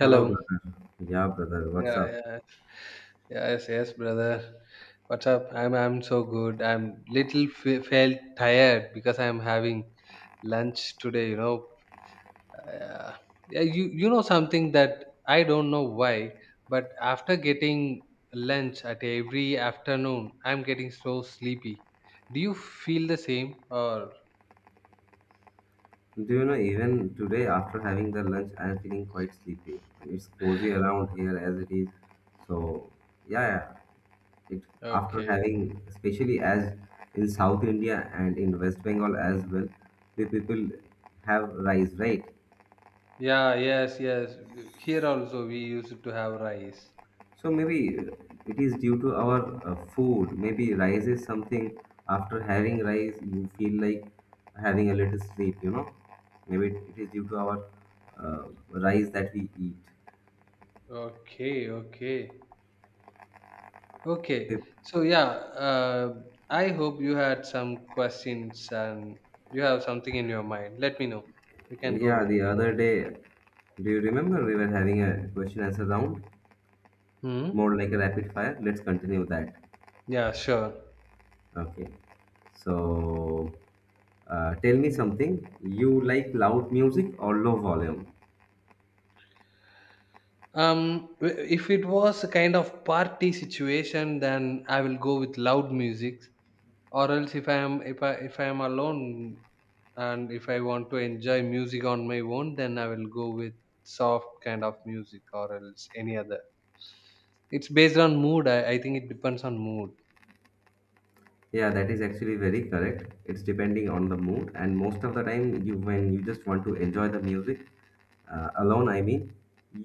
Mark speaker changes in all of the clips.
Speaker 1: Hello, brother. Yeah, brother, what's
Speaker 2: Yeah,
Speaker 1: up?
Speaker 2: yeah. Yes, yes, brother. What's up? I'm so good. I'm little felt tired because I'm having lunch today. Uh, yeah, you know something that I don't know why, but after getting lunch at every afternoon, I'm getting so sleepy. Do you feel the same or
Speaker 1: Do you know, even today after having the lunch, I am feeling quite sleepy. It's cozy around here as it is. So, yeah, yeah. It, after
Speaker 2: okay?
Speaker 1: having, especially as in South India and in West Bengal as well, the people have rice, right?
Speaker 2: Yeah, yes, yes. Here also we used to have rice.
Speaker 1: So maybe it is due to our food. Maybe rice is something after having rice, you feel like having a little sleep, you know. Maybe it is due to our uh, rice that we eat.
Speaker 2: Okay, okay. Okay,
Speaker 1: If-
Speaker 2: so yeah, uh, I hope you had some questions and you have something in your mind. Let me know. We can go
Speaker 1: Yeah,
Speaker 2: with.
Speaker 1: the other day, do you remember we were having a question answer round,
Speaker 2: Hmm.
Speaker 1: more like a rapid fire? Let's continue that.
Speaker 2: Yeah, sure.
Speaker 1: Okay. So tell me something. You like loud music or low volume?
Speaker 2: If it was a kind of party situation, then I will go with loud music. Or else, if I am alone and if I want to enjoy music on my own, then I will go with soft kind of music, or else any other. It's based on mood. I think it depends on mood.
Speaker 1: Yeah, that is actually very correct. It's depending on the mood, and most of the time, you when you just want to enjoy the music alone, I mean,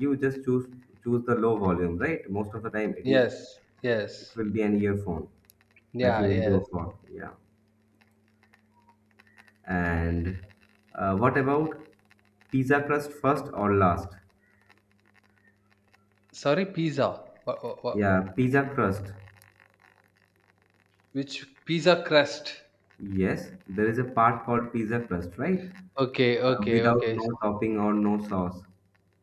Speaker 1: you just choose the low volume, right? Most of the time, it is
Speaker 2: Yes, yes,
Speaker 1: it will be an earphone that
Speaker 2: yeah,
Speaker 1: you will
Speaker 2: yes.
Speaker 1: go for. Yeah, and what about pizza crust first or last?
Speaker 2: Sorry, pizza. What, what?
Speaker 1: Yeah, pizza crust.
Speaker 2: Which pizza crust?
Speaker 1: Yes, there is a part called pizza crust, right?
Speaker 2: Okay, okay,
Speaker 1: Without
Speaker 2: okay.
Speaker 1: no topping or no sauce.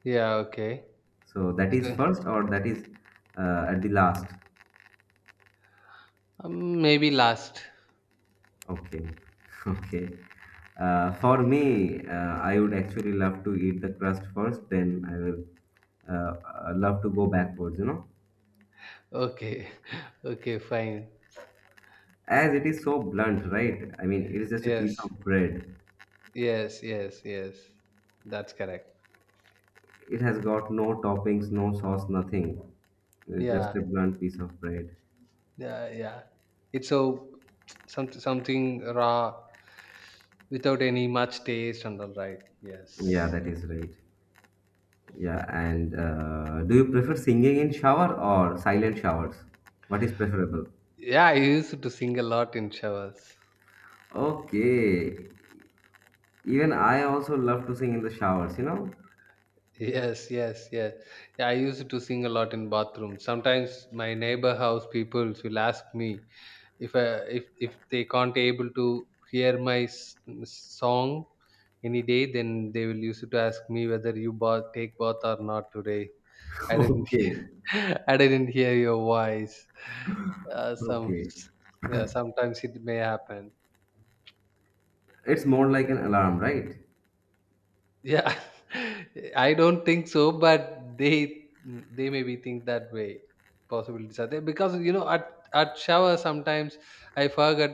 Speaker 2: Yeah, okay.
Speaker 1: So that is
Speaker 2: So,
Speaker 1: first or that is at the last?
Speaker 2: maybe last.
Speaker 1: Okay. Okay. For me, I would actually love to eat the crust first, then I will uh, love to go backwards, you know.
Speaker 2: Okay, okay, fine.
Speaker 1: As it is so blunt, right? I mean, it is just a piece
Speaker 2: Yes,
Speaker 1: of bread.
Speaker 2: yes, yes, yes. That's correct.
Speaker 1: It has got no toppings, no sauce, nothing. It's
Speaker 2: Yeah,
Speaker 1: just a blunt piece of bread.
Speaker 2: yeah, yeah. It's so something raw without any much taste and all right.
Speaker 1: Yeah,
Speaker 2: Yes.
Speaker 1: that is right. Yeah, and do you prefer singing in shower or silent showers? What is preferable?
Speaker 2: Yeah, I used to sing a lot in showers.
Speaker 1: Okay. Even I also love to sing in the showers, you know?
Speaker 2: Yes, yes, yes. Yeah, I used to sing a lot in bathroom. Sometimes my neighbor house people will ask me if I, if they can't able to hear my song any day, then they will used to ask me whether you bath, take bath or not today. I didn't
Speaker 1: Okay.
Speaker 2: hear, I didn't hear your voice. Some
Speaker 1: Okay.
Speaker 2: Yeah, sometimes it may happen.
Speaker 1: It's more like an alarm, right?
Speaker 2: Yeah, I don't think so, but they maybe think that way. Possibilities are there because at shower sometimes I forget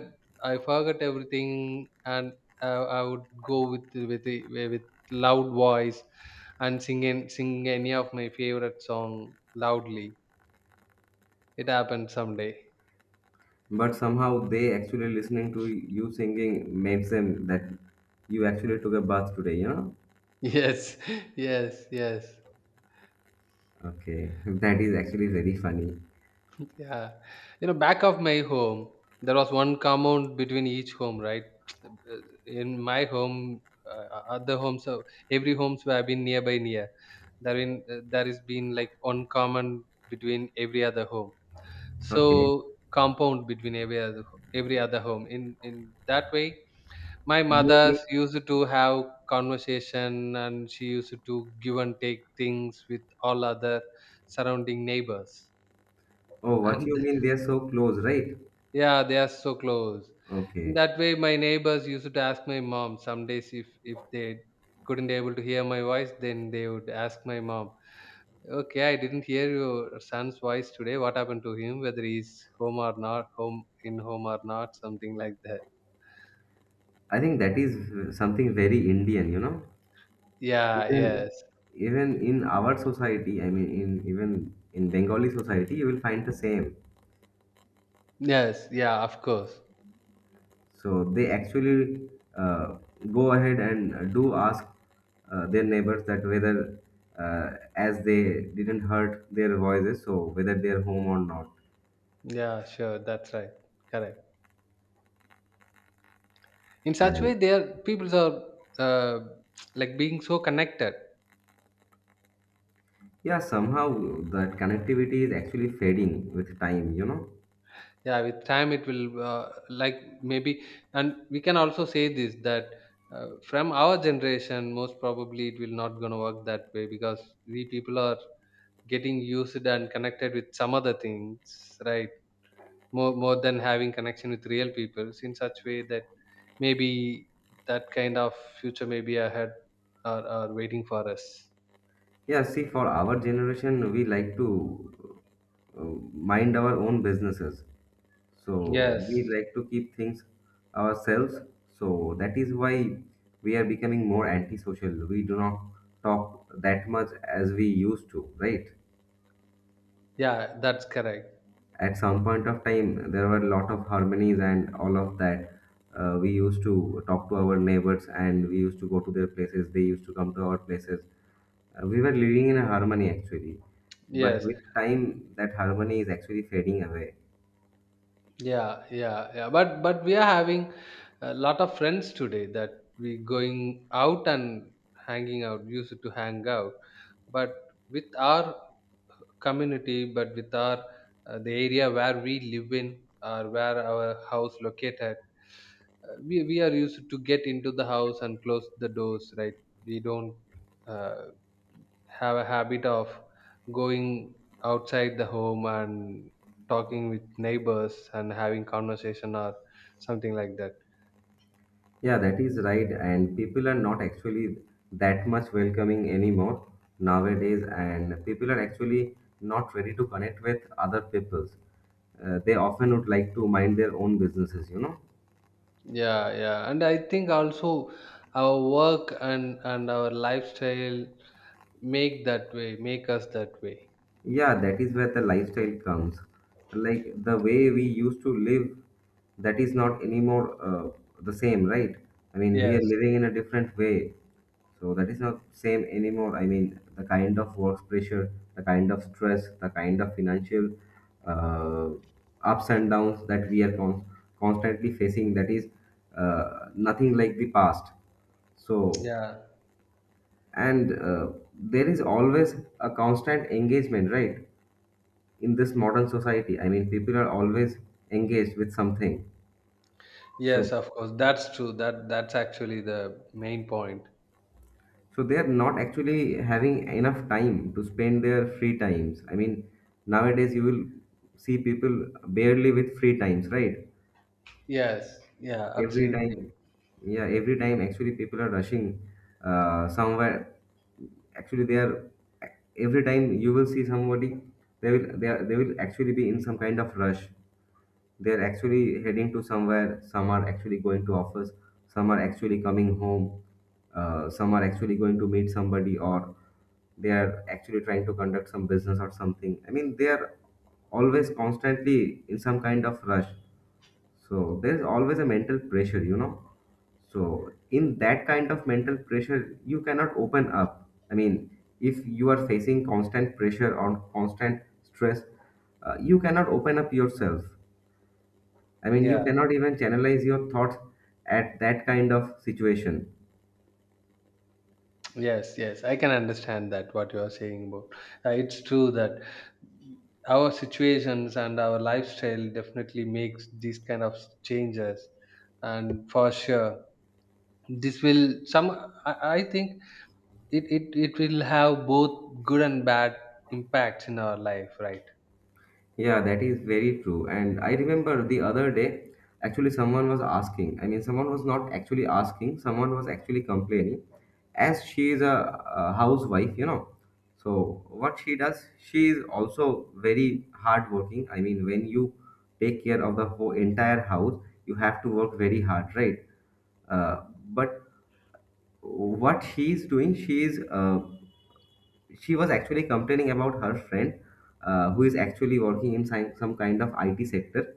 Speaker 2: I forget everything and I would go with loud voice and sing any of my favorite song loudly. It happened someday.
Speaker 1: But somehow they actually listening to you singing makes them that you actually took a bath today, you know?
Speaker 2: Yes, yes, yes.
Speaker 1: Okay. That is actually very funny.
Speaker 2: Yeah. You know, back of my home, there was one compound between each home, right? Uh, In my home, other homes, so every homes where I've been nearby near, there has been like one common between every other home.
Speaker 1: Okay.
Speaker 2: So compound between every other home. In that way, my
Speaker 1: You
Speaker 2: mothers
Speaker 1: mean,
Speaker 2: used to have conversation, and she used to give and take things with all other surrounding neighbors.
Speaker 1: oh, what
Speaker 2: And,
Speaker 1: you mean they're so close, right?
Speaker 2: yeah, they are so close. In
Speaker 1: Okay.
Speaker 2: that way, my neighbors used to ask my mom some days if they couldn't able to hear my voice, then they would ask my mom, "Okay, I didn't hear your son's voice today. What happened to him? Whether he's home or not, home in home or not, something like that."
Speaker 1: I think that is something very Indian, you know?
Speaker 2: Yeah, yes,
Speaker 1: Even even in our society, I mean, in even in Bengali society, you will find the same.
Speaker 2: yes, yeah, of course.
Speaker 1: So they actually uh, go ahead and do ask their neighbors that whether, as they didn't hurt their voices, so whether they are home or not.
Speaker 2: Yeah, sure, that's right, correct. In such way,
Speaker 1: And
Speaker 2: their peoples are, uh, like being so connected.
Speaker 1: yeah, somehow that connectivity is actually fading with time, you know.
Speaker 2: Yeah, with time it will, uh, like, maybe, and we can also say this that from our generation most probably it will not gonna work that way, because we people are getting used and connected with some other things, right, more than having connection with real people, in such way that maybe that kind of future maybe ahead are waiting for us.
Speaker 1: Yeah, see, for our generation, we like to uh, mind our own businesses. So
Speaker 2: Yes.
Speaker 1: we like to keep things ourselves. So that is why we are becoming more antisocial. We do not talk that much as we used to, right?
Speaker 2: Yeah, that's correct.
Speaker 1: At some point of time, there were a lot of harmonies and all of that. We used to talk to our neighbors and we used to go to their places. They used to come to our places. We were living in a harmony actually. But
Speaker 2: Yes.
Speaker 1: with time, that harmony is actually fading away.
Speaker 2: Yeah, yeah, yeah. But we are having a lot of friends today, that we going out and hanging out, used to hang out. But with our community, but with our, the area where we live in or where our house located, we are used to get into the house and close the doors, right? We don't, Uh, have a habit of going outside the home and talking with neighbors and having conversation or something like that.
Speaker 1: Yeah, that is right. And people are not actually that much welcoming anymore nowadays. And people are actually not ready to connect with other peoples. They often would like to mind their own businesses, you know.
Speaker 2: Yeah, yeah, and I think also our work and our lifestyle, make us that way.
Speaker 1: Yeah, that is where the lifestyle comes. Like the way we used to live, that is not anymore the same, right? I mean, we
Speaker 2: Yes.
Speaker 1: are living in a different way. So that is not same anymore. I mean, the kind of work pressure, the kind of stress, the kind of financial uh, ups and downs that we are constantly facing, that is nothing like the past. So,
Speaker 2: Yeah,
Speaker 1: and there is always a constant engagement, right? In this modern society, I mean, people are always engaged with something. So
Speaker 2: yes, of course, that's true. That that's actually the main point.
Speaker 1: so they are not actually having enough time to spend their free times. I mean, nowadays you will see people barely with free times, right?
Speaker 2: Yes, yeah,
Speaker 1: every
Speaker 2: absolutely,
Speaker 1: time yeah every time actually people are rushing somewhere. Actually they are, every time you will see somebody, they will actually be in some kind of rush. They're actually heading to somewhere, some are actually going to office, some are actually coming home, some are actually going to meet somebody, or they are actually trying to conduct some business or something. I mean, they are always constantly in some kind of rush. So there's always a mental pressure, you know. So, in that kind of mental pressure, you cannot open up. I mean, if you are facing constant pressure or constant stress, you cannot open up yourself. I mean,
Speaker 2: yeah.
Speaker 1: you cannot even channelize your thoughts at that kind of situation.
Speaker 2: Yes, yes, I can understand that what you are saying about. It's true that our situations and our lifestyle definitely makes these kind of changes, and for sure, this will some. I think it will have both good and bad impacts in our life, right?
Speaker 1: Yeah, that is very true. And I remember the other day, actually, someone was asking. I mean, someone was not actually asking, someone was actually complaining. As she is a housewife, you know. So, what she does, she is also very hardworking. I mean, when you take care of the whole entire house, you have to work very hard, right? Uh, but what she is doing, she was actually complaining about her friend who is actually working in some kind of IT sector,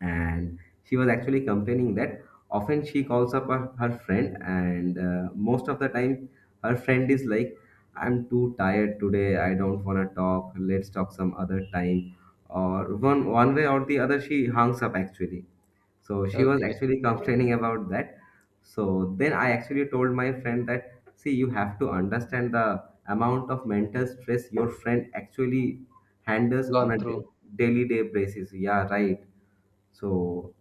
Speaker 1: and she was actually complaining that often she calls up her friend and most of the time her friend is like, I'm too tired today, I don't want to talk, let's talk some other time, or one way or the other she hangs up actually. So she was
Speaker 2: Okay,
Speaker 1: actually complaining about that. So then I actually told my friend that, see, you have to understand the amount of mental stress your friend actually handles
Speaker 2: gone
Speaker 1: on a
Speaker 2: through.
Speaker 1: daily day basis, yeah, right? So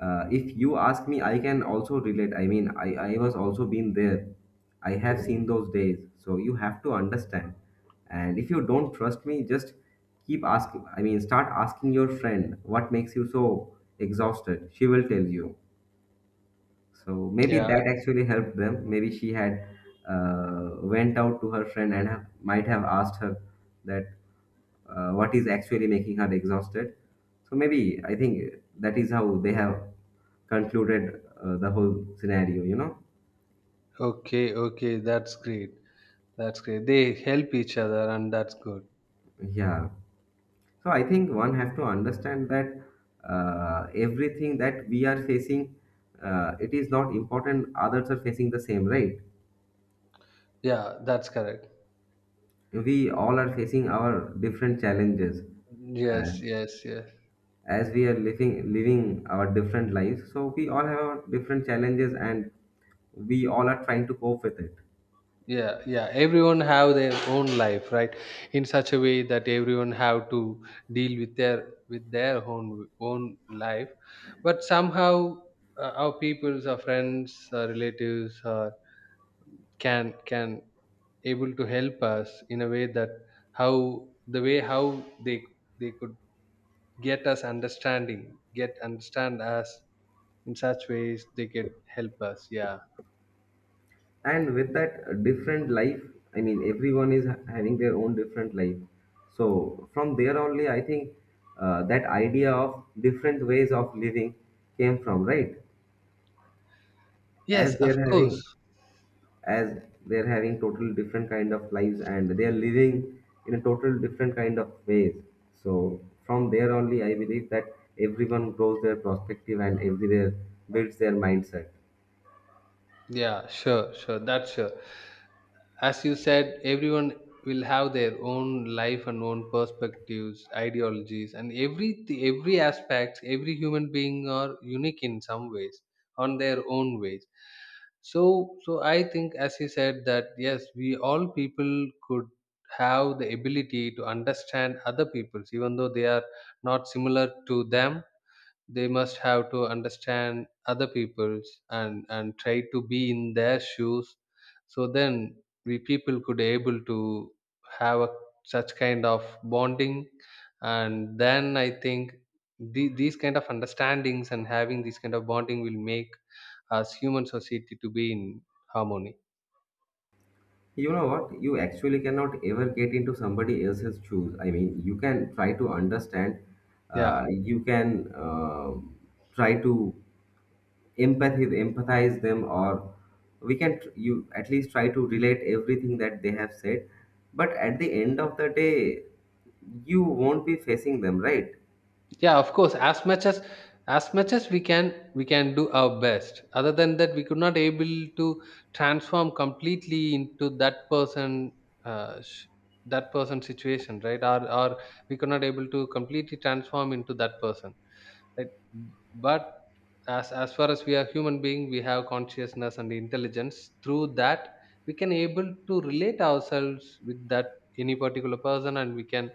Speaker 1: if you ask me, I can also relate. I mean, I was also been there. I have seen those days. So you have to understand. And if you don't trust me, just keep asking. I mean, start asking your friend what makes you so exhausted. She will tell you. So maybe
Speaker 2: Yeah.
Speaker 1: that actually helped them. Maybe she had went out to her friend and have, might have asked her that what is actually making her exhausted. So maybe I think that is how they have concluded the whole scenario, you know.
Speaker 2: Okay. Okay. That's great. That's great. They help each other, and that's good.
Speaker 1: Yeah. So I think one have to understand that everything that we are facing, it is not important. Others are facing the same, right?
Speaker 2: Yeah, that's correct.
Speaker 1: We all are facing our different challenges. Uh,
Speaker 2: Yes. Yes. Yes.
Speaker 1: as we are living our different lives, so we all have our different challenges and we all are trying to cope with it.
Speaker 2: Yeah, yeah, everyone have their own life, right? In such a way that everyone have to deal with their, own life. But somehow, our peoples, our friends, our relatives, can able to help us in a way that how the way how they they could get understand us. In such ways they could help us. Yeah.
Speaker 1: And with that different life, I mean, everyone is having their own different life, so from there only I think that idea of different ways of living came from, right?
Speaker 2: Yes,
Speaker 1: As
Speaker 2: of
Speaker 1: they're
Speaker 2: course.
Speaker 1: having, as they're having total different kind of lives, and they are living in a total different kind of ways. So from there only I believe that everyone grows their perspective and everywhere builds their mindset.
Speaker 2: Yeah, sure, sure, that's sure. As you said, everyone will have their own life and own perspectives, ideologies, and every aspect, every human being are unique in some ways, on their own ways. So, so I think, as you said, that yes, we all people could have the ability to understand other peoples, even though they are not similar to them, they must have to understand other people's and try to be in their shoes. So then we people could able to have such kind of bonding, and then I think, these kind of understandings and having these kind of bonding will make us human society to be in harmony.
Speaker 1: You know what, you actually cannot ever get into somebody else's shoes. I mean, you can try to understand,
Speaker 2: Yeah,
Speaker 1: you can try to empathy empathize them, or we can you at least try to relate everything that they have said. But at the end of the day, you won't be facing them, right?
Speaker 2: yeah, of course. As much as we can, do our best. Other than that, we could not able to transform completely into that person, uh, sh- that person situation, right? Or we could not able to completely transform into that person, right? But as far as we are human being, we have consciousness and intelligence. Through that we can able to relate ourselves with that, any particular person, and we can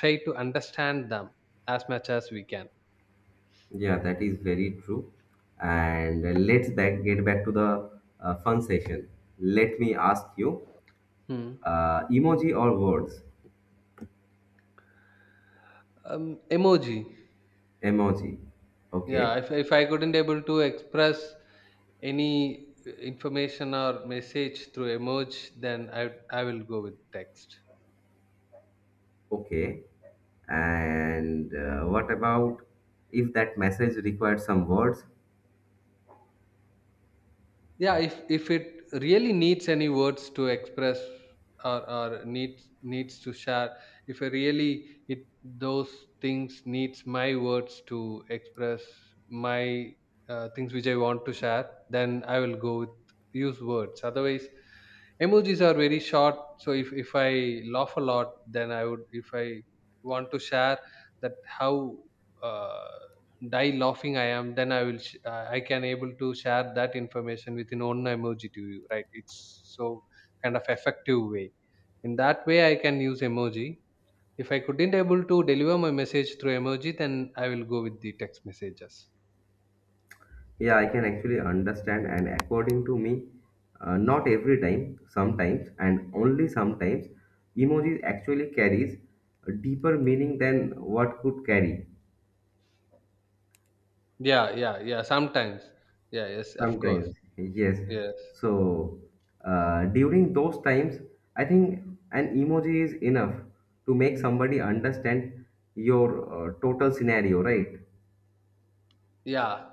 Speaker 2: try to understand them as much as we can.
Speaker 1: Yeah, that is very true. And let's back get back to the fun session. Let me ask you,
Speaker 2: Hmm.
Speaker 1: emoji or words?
Speaker 2: Emoji.
Speaker 1: Emoji. Okay.
Speaker 2: Yeah, if I couldn't able to express any information or message through emoji, then I will go with text.
Speaker 1: Okay, and what about if that message required some words?
Speaker 2: Yeah, if it really needs any words to express or needs to share, if I really it those things needs my words to express my, things which I want to share, then I will go with use words. Otherwise, emojis are very short. So if I laugh a lot, then I would, if I want to share that, how uh, die laughing I am, then I will I can able to share that information within one emoji to you, right? It's so kind of effective way. In that way I can use emoji. If I couldn't able to deliver my message through emoji, then I will go with the text messages.
Speaker 1: Yeah, I can actually understand, and according to me, not every time, sometimes, and only sometimes, emojis actually carries a deeper meaning than what could carry.
Speaker 2: Yeah, yeah, yeah, sometimes. Yeah, yes, of course.
Speaker 1: Sometimes, yes.
Speaker 2: Yes.
Speaker 1: So during those times, I think an emoji is enough to make somebody understand your total scenario, right?
Speaker 2: Yeah,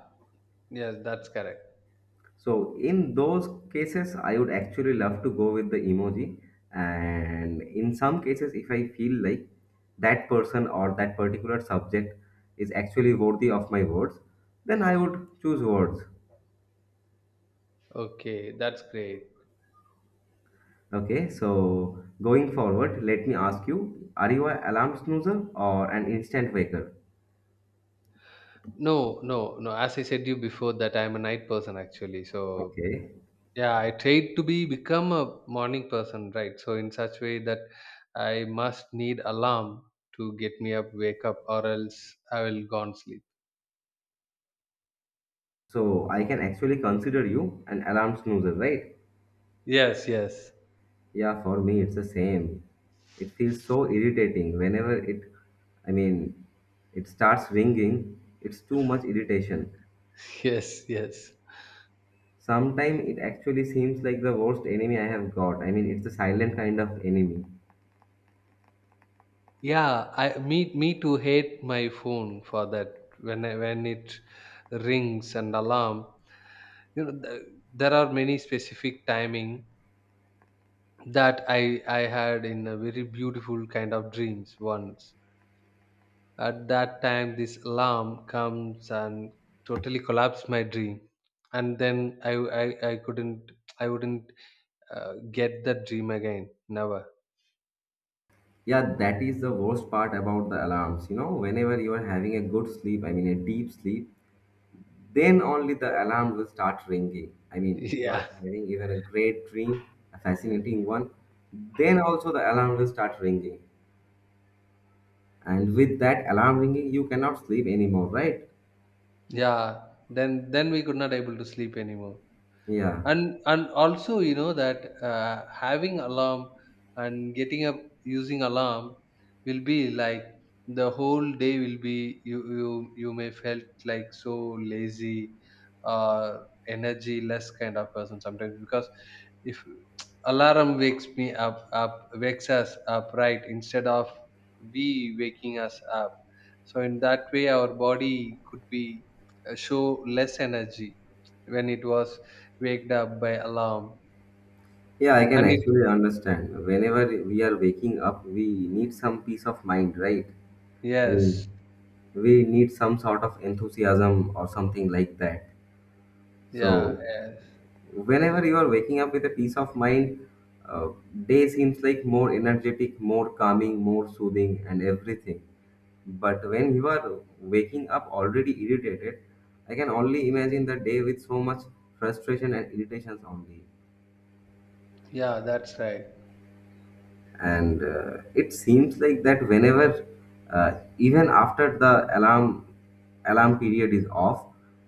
Speaker 2: yes, that's correct.
Speaker 1: So in those cases, I would actually love to go with the emoji. And in some cases, if I feel like that person or that particular subject is actually worthy of my words, then I would choose words.
Speaker 2: Okay, that's great.
Speaker 1: Okay, so going forward, let me ask you, are you an alarm snoozer or an instant waker?
Speaker 2: No, no, no, as I said you before that I'm a night person actually, so.
Speaker 1: Okay,
Speaker 2: Yeah, I tried to be become a morning person, right? So in such way that I must need alarm to get me up, wake up, or else I will gone sleep.
Speaker 1: so I can actually consider you an alarm snoozer, right?
Speaker 2: Yes, yes,
Speaker 1: Yeah, for me, it's the same. It feels so irritating whenever I mean, it starts ringing. It's too much irritation.
Speaker 2: yes, yes.
Speaker 1: Sometimes it actually seems like the worst enemy I have got. I mean, it's the silent kind of enemy.
Speaker 2: Yeah, I me to hate my phone for that when when it rings and alarm. You know, there are many specific timing that I had in a very beautiful kind of dreams once. At that time, this alarm comes and totally collapsed my dream. And then I wouldn't get that dream again. Never.
Speaker 1: Yeah, that is the worst part about the alarms. You know, whenever you are having a good sleep, I mean, a deep sleep, then only the alarm will start ringing. I mean, if you
Speaker 2: Yeah.
Speaker 1: are having even a great dream, a fascinating one, then also the alarm will start ringing. And with that alarm ringing, you cannot sleep anymore, right?
Speaker 2: Yeah. Then we could not able to sleep anymore.
Speaker 1: Yeah.
Speaker 2: And also you know that, having alarm and getting up using alarm will be like, the whole day will be, you may felt like so lazy, uh energy less kind of person, sometimes, because if alarm wakes us up, right, instead of we waking us up. So in that way our body could be, show less energy when it was waked up by alarm.
Speaker 1: Yeah, I can
Speaker 2: And it.
Speaker 1: actually understand. Whenever we are waking up, we need some peace of mind, right? I
Speaker 2: Yes.
Speaker 1: mean, we need some sort of enthusiasm or something like that.
Speaker 2: Yeah,
Speaker 1: So,
Speaker 2: yes.
Speaker 1: whenever you are waking up with a peace of mind, uh, day seems like more energetic, more calming, more soothing, and everything. But when you are waking up already irritated, I can only imagine the day with so much frustration and irritations only.
Speaker 2: Yeah, that's right.
Speaker 1: And it seems like that whenever even after the alarm period is off,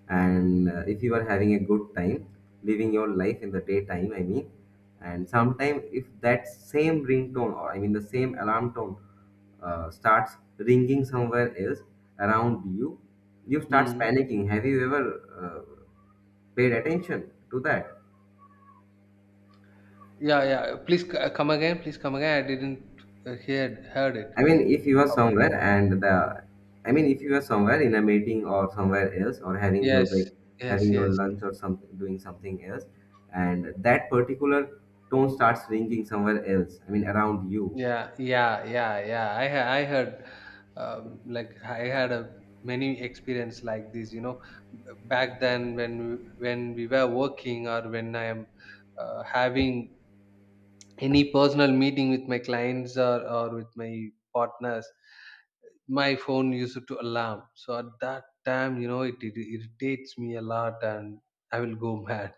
Speaker 1: and if you are having a good time living your life in the daytime, I mean, and sometime if that same ringtone, or I mean the same alarm tone, starts ringing somewhere else around you, you start
Speaker 2: Mm.
Speaker 1: panicking. Have you ever uh, paid attention to that?
Speaker 2: Yeah, yeah, please come again, please come again, I didn't uh, hear heard it
Speaker 1: I mean, if you are
Speaker 2: properly.
Speaker 1: somewhere and I mean, if you are somewhere in a meeting or somewhere else, or having your
Speaker 2: yes
Speaker 1: break,
Speaker 2: yes
Speaker 1: having your
Speaker 2: yes
Speaker 1: lunch or something, doing something else, and that particular tone starts ringing somewhere else. I mean, around you.
Speaker 2: yeah yeah yeah yeah I heard. Like I had a many experience like this. B- Back then when when we were working or when I am having any personal meeting with my clients or with my partners, my phone used to alarm. So at that time, you know, it irritates me a lot and I will go mad.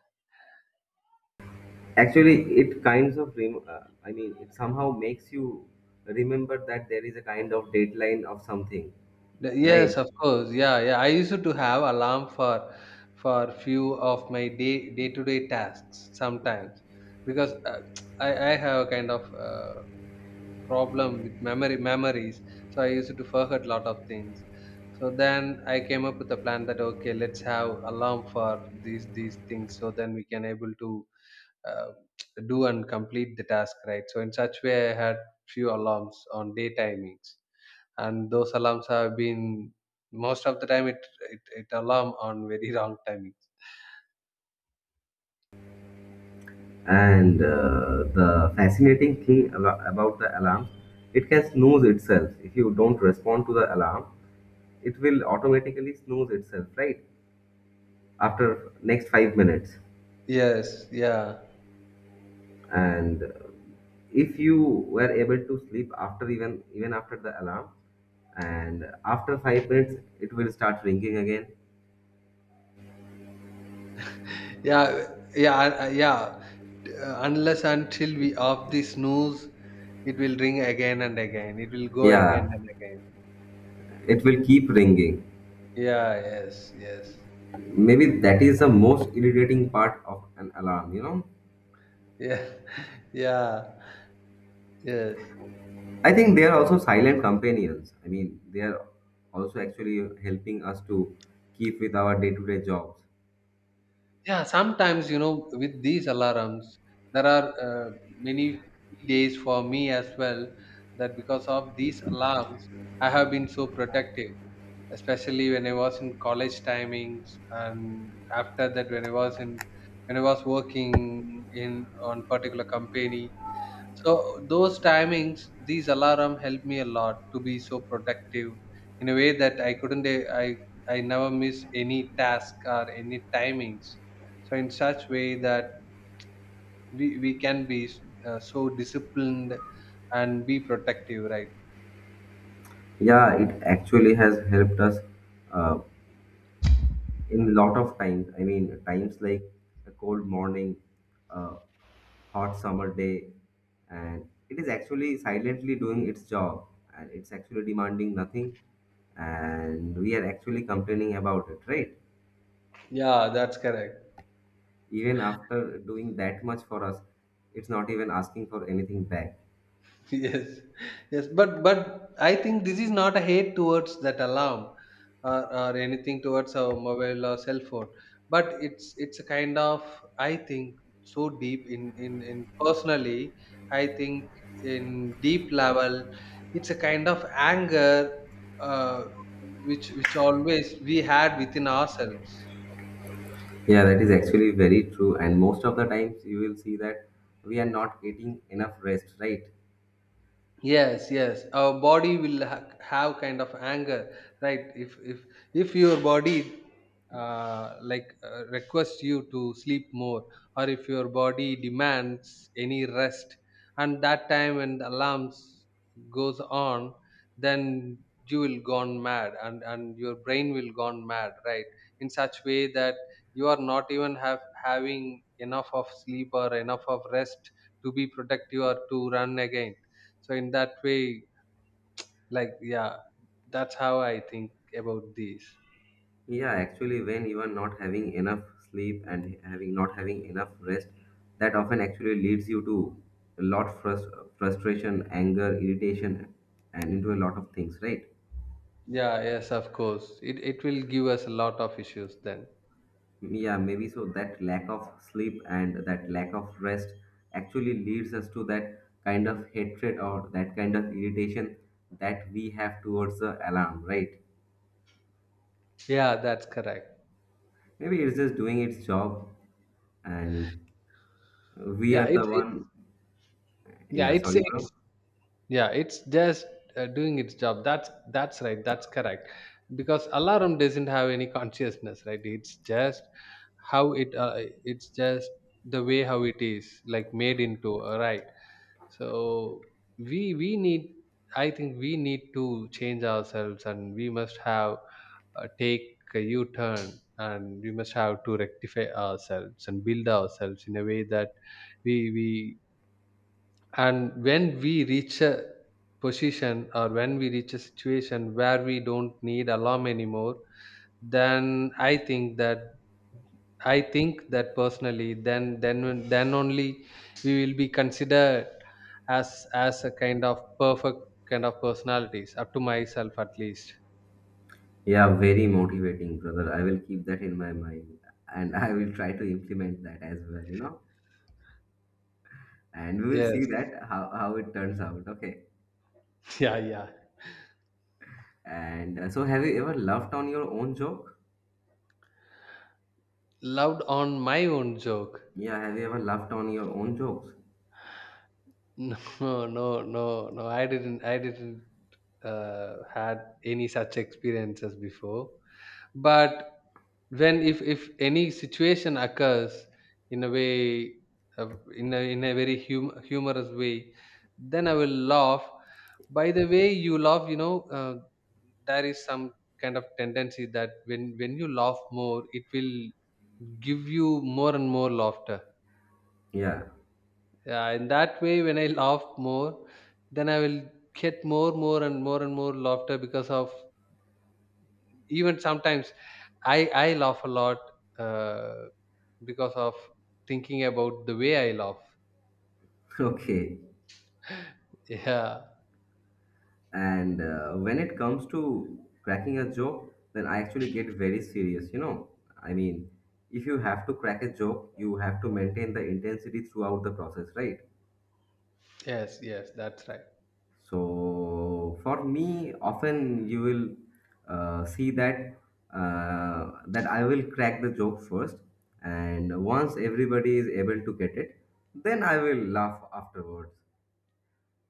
Speaker 1: Actually, it kinds of, I mean, it somehow makes you remember that there is a kind of deadline of something, right?
Speaker 2: Yes, of course. Yeah, yeah, I used to have alarm for few of my day day to day tasks sometimes, because I have a kind of problem with memory memories, so I used to forget a lot of things. So then I came up with a plan that, okay, let's have alarm for these things, so then we can able to uh, do and complete the task, right? So in such way I had few alarms on day timings, and those alarms have been most of the time it alarm on very wrong timings.
Speaker 1: And the fascinating thing about the alarm, it can snooze itself. If you don't respond to the alarm, it will automatically snooze itself, right, after next 5 minutes.
Speaker 2: Yes, yeah,
Speaker 1: And if you were able to sleep after even after the alarm, and after 5 minutes it will start ringing again.
Speaker 2: yeah, yeah, yeah. Unless until we off the snooze, it will ring again and again, it will go again
Speaker 1: Yeah,
Speaker 2: and again.
Speaker 1: it will keep ringing.
Speaker 2: Yeah, yes, yes,
Speaker 1: Maybe that is the most irritating part of an alarm, you know.
Speaker 2: yeah. Yeah, yes.
Speaker 1: I think they are also silent companions. I mean, they are also actually helping us to keep with our day-to-day jobs.
Speaker 2: Yeah, sometimes, you know, with these alarms, there are many days for me as well that because of these alarms, I have been so productive, especially when I was in college timings and after that when I was in when I was working in on particular company. So those timings, these alarm helped me a lot to be so productive in a way that I couldn't. I never miss any task or any timings. So in such way that we can be so disciplined and be productive, right?
Speaker 1: Yeah, it actually has helped us uh, in lot of times. I mean, times like a cold morning, a hot summer day, and it is actually silently doing its job, and it's actually demanding nothing, and we are actually complaining about it, right?
Speaker 2: Yeah, that's correct.
Speaker 1: Even after doing that much for us, it's not even asking for anything back.
Speaker 2: Yes, yes, but I think this is not a hate towards that alarm, or anything towards our mobile or cell phone, but it's a kind of, I think so deep in personally, I think in deep level it's a kind of anger, uh, which always we had within ourselves.
Speaker 1: Yeah, that is actually very true. And most of the times you will see that we are not getting enough rest, right?
Speaker 2: Yes, yes, our body will have kind of anger, right? If if your body like requests you to sleep more, or if your body demands any rest, and that time when the alarms goes on, then you will gone mad and your brain will gone mad, right? In such way that you are not even have having enough of sleep or enough of rest to be productive or to run again. So in that way, like, yeah, that's how I think about this.
Speaker 1: Yeah, actually, when you are not having enough sleep and having not having enough rest, that often actually leads you to a lot frustration, anger, irritation, and into a lot of things, right?
Speaker 2: Yeah, yes, of course it will give us a lot of issues then.
Speaker 1: Yeah, maybe so that lack of sleep and that lack of rest actually leads us to that kind of hatred or that kind of irritation that we have towards the alarm, right?
Speaker 2: Yeah, that's correct.
Speaker 1: Maybe it's just doing its job, and we
Speaker 2: Yeah,
Speaker 1: are the
Speaker 2: it,
Speaker 1: one.
Speaker 2: yeah
Speaker 1: Yeah,
Speaker 2: it's,
Speaker 1: sorry,
Speaker 2: it's
Speaker 1: bro.
Speaker 2: yeah it's just doing its job. That's right, that's correct, because alarm doesn't have any consciousness, right? It's just how it it's just the way how it is like made into, right? So we need, I think we need to change ourselves, and we must have take a U-turn, and we must have to rectify ourselves and build ourselves in a way that we and when we reach a position or when we reach a situation where we don't need alarm anymore, then I think that I think that personally, then then only we will be considered as a kind of perfect kind of personalities. Up to myself, at least.
Speaker 1: Yeah, very motivating, brother. I will keep that in my mind and I will try to implement that as well, you know. And we will
Speaker 2: Yes.
Speaker 1: see that how it turns out. Okay.
Speaker 2: Yeah. Yeah.
Speaker 1: And so, have you ever laughed on your own joke?
Speaker 2: Loved on my own joke.
Speaker 1: Yeah, have you ever laughed on your own jokes?
Speaker 2: No, no, no, no. I didn't. I didn't had any such experiences before. But when if any situation occurs in a way, uh, in a very humorous way, then I will laugh. By the way you laugh, you know, there is some kind of tendency that when you laugh more, it will give you more and more laughter.
Speaker 1: Yeah.
Speaker 2: Yeah, in that way, when I laugh more, then I will get more and more and more laughter, because of even sometimes I laugh a lot, uh, because of thinking about the way I laugh.
Speaker 1: Okay.
Speaker 2: Yeah.
Speaker 1: And when it comes to cracking a joke, then I actually get very serious, you know. I mean, if you have to crack a joke, you have to maintain the intensity throughout the process, right?
Speaker 2: Yes. Yes. That's right.
Speaker 1: So for me, often you will see that that I will crack the joke first, and once everybody is able to get it, then I will laugh afterwards.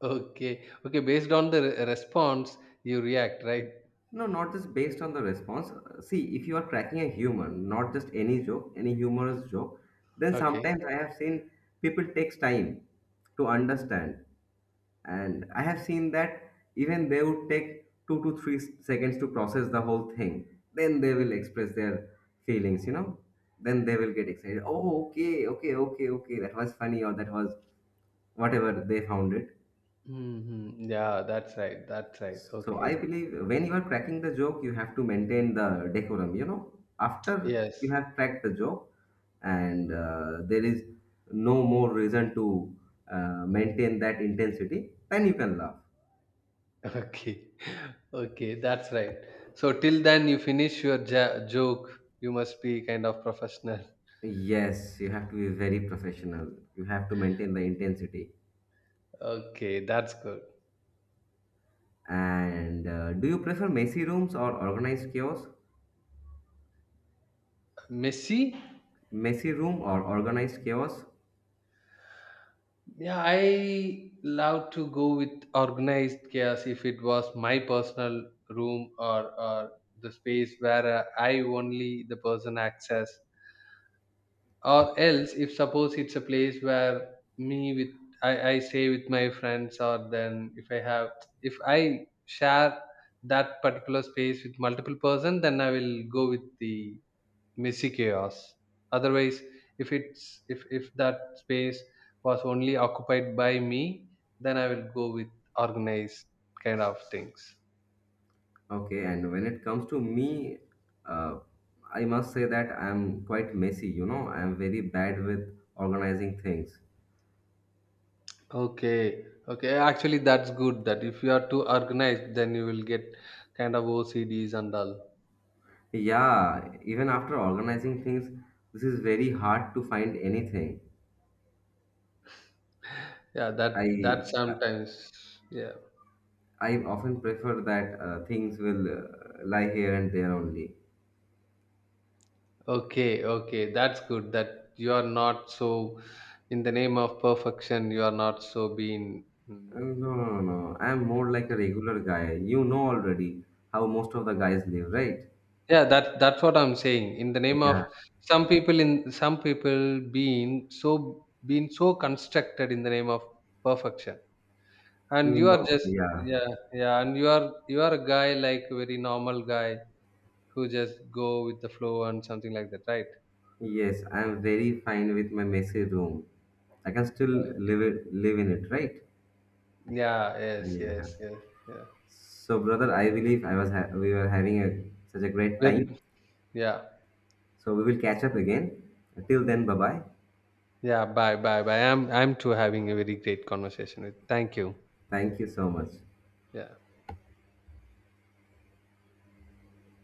Speaker 2: Okay. Okay. Based on the response, you react, right?
Speaker 1: No, not just based on the response. See, if you are cracking a humor, not just any joke, any humorous joke, then
Speaker 2: Okay.
Speaker 1: sometimes I have seen people takes time to understand. And I have seen that even they would take 2 to 3 seconds to process the whole thing, then they will express their feelings, you know. Then they will get excited. Oh, okay, okay, okay, okay, that was funny, or that was whatever they found it.
Speaker 2: Hmm. Yeah. That's right. That's right.
Speaker 1: So I
Speaker 2: Okay.
Speaker 1: believe when you are cracking the joke, you have to maintain the decorum, you know, after
Speaker 2: Yes.
Speaker 1: you have cracked the joke. And there is no more reason to maintain that intensity, then you can laugh.
Speaker 2: Okay. Okay. That's right. So till then, you finish your joke. You must be kind of professional.
Speaker 1: Yes, you have to be very professional. You have to maintain the intensity.
Speaker 2: Okay. That's good.
Speaker 1: And do you prefer messy rooms or organized chaos?
Speaker 2: Messy.
Speaker 1: Messy room or organized chaos?
Speaker 2: Yeah, I love to go with organized chaos if it was my personal room, or the space where I only the person access. Or else, if suppose it's a place where me with I stay with my friends, or then if I have if I share that particular space with multiple person, then I will go with the messy chaos. Otherwise, if it's if that space was only occupied by me, then I will go with organized kind of things.
Speaker 1: Okay, and when it comes to me, uh, I must say that I'm quite messy, you know. I'm very bad with organizing things.
Speaker 2: Okay, okay, actually that's good that if you are too organized then you will get kind of OCDs and all.
Speaker 1: Yeah, even after organizing things, this is very hard to find anything.
Speaker 2: Yeah, that
Speaker 1: I
Speaker 2: sometimes, yeah.
Speaker 1: I often prefer that things will lie here and there only.
Speaker 2: Okay, okay, that's good that you are not so in the name of perfection, you are not so being, mm,
Speaker 1: No, no. I'm more like a regular guy. You know already how most of the guys live, right?
Speaker 2: yeah, that that's what I'm saying. In the name of
Speaker 1: Yeah.
Speaker 2: some people, in some people being so constructed in the name of perfection. And you are
Speaker 1: No,
Speaker 2: just,
Speaker 1: yeah.
Speaker 2: yeah, yeah, and you are a guy like a very normal guy who just go with the flow and something like that, right?
Speaker 1: Yes, I'm very fine with my messy room. I can still live it, live in it, right?
Speaker 2: Yeah, yes,
Speaker 1: Yeah.
Speaker 2: yes, yes, yeah.
Speaker 1: So, brother, I believe we were having a, such a great time.
Speaker 2: Very, yeah.
Speaker 1: So we will catch up again. Till then, bye bye.
Speaker 2: Yeah, bye, bye, bye. I'm too having a very great conversation with. Thank you.
Speaker 1: Thank you so much.
Speaker 2: Yeah.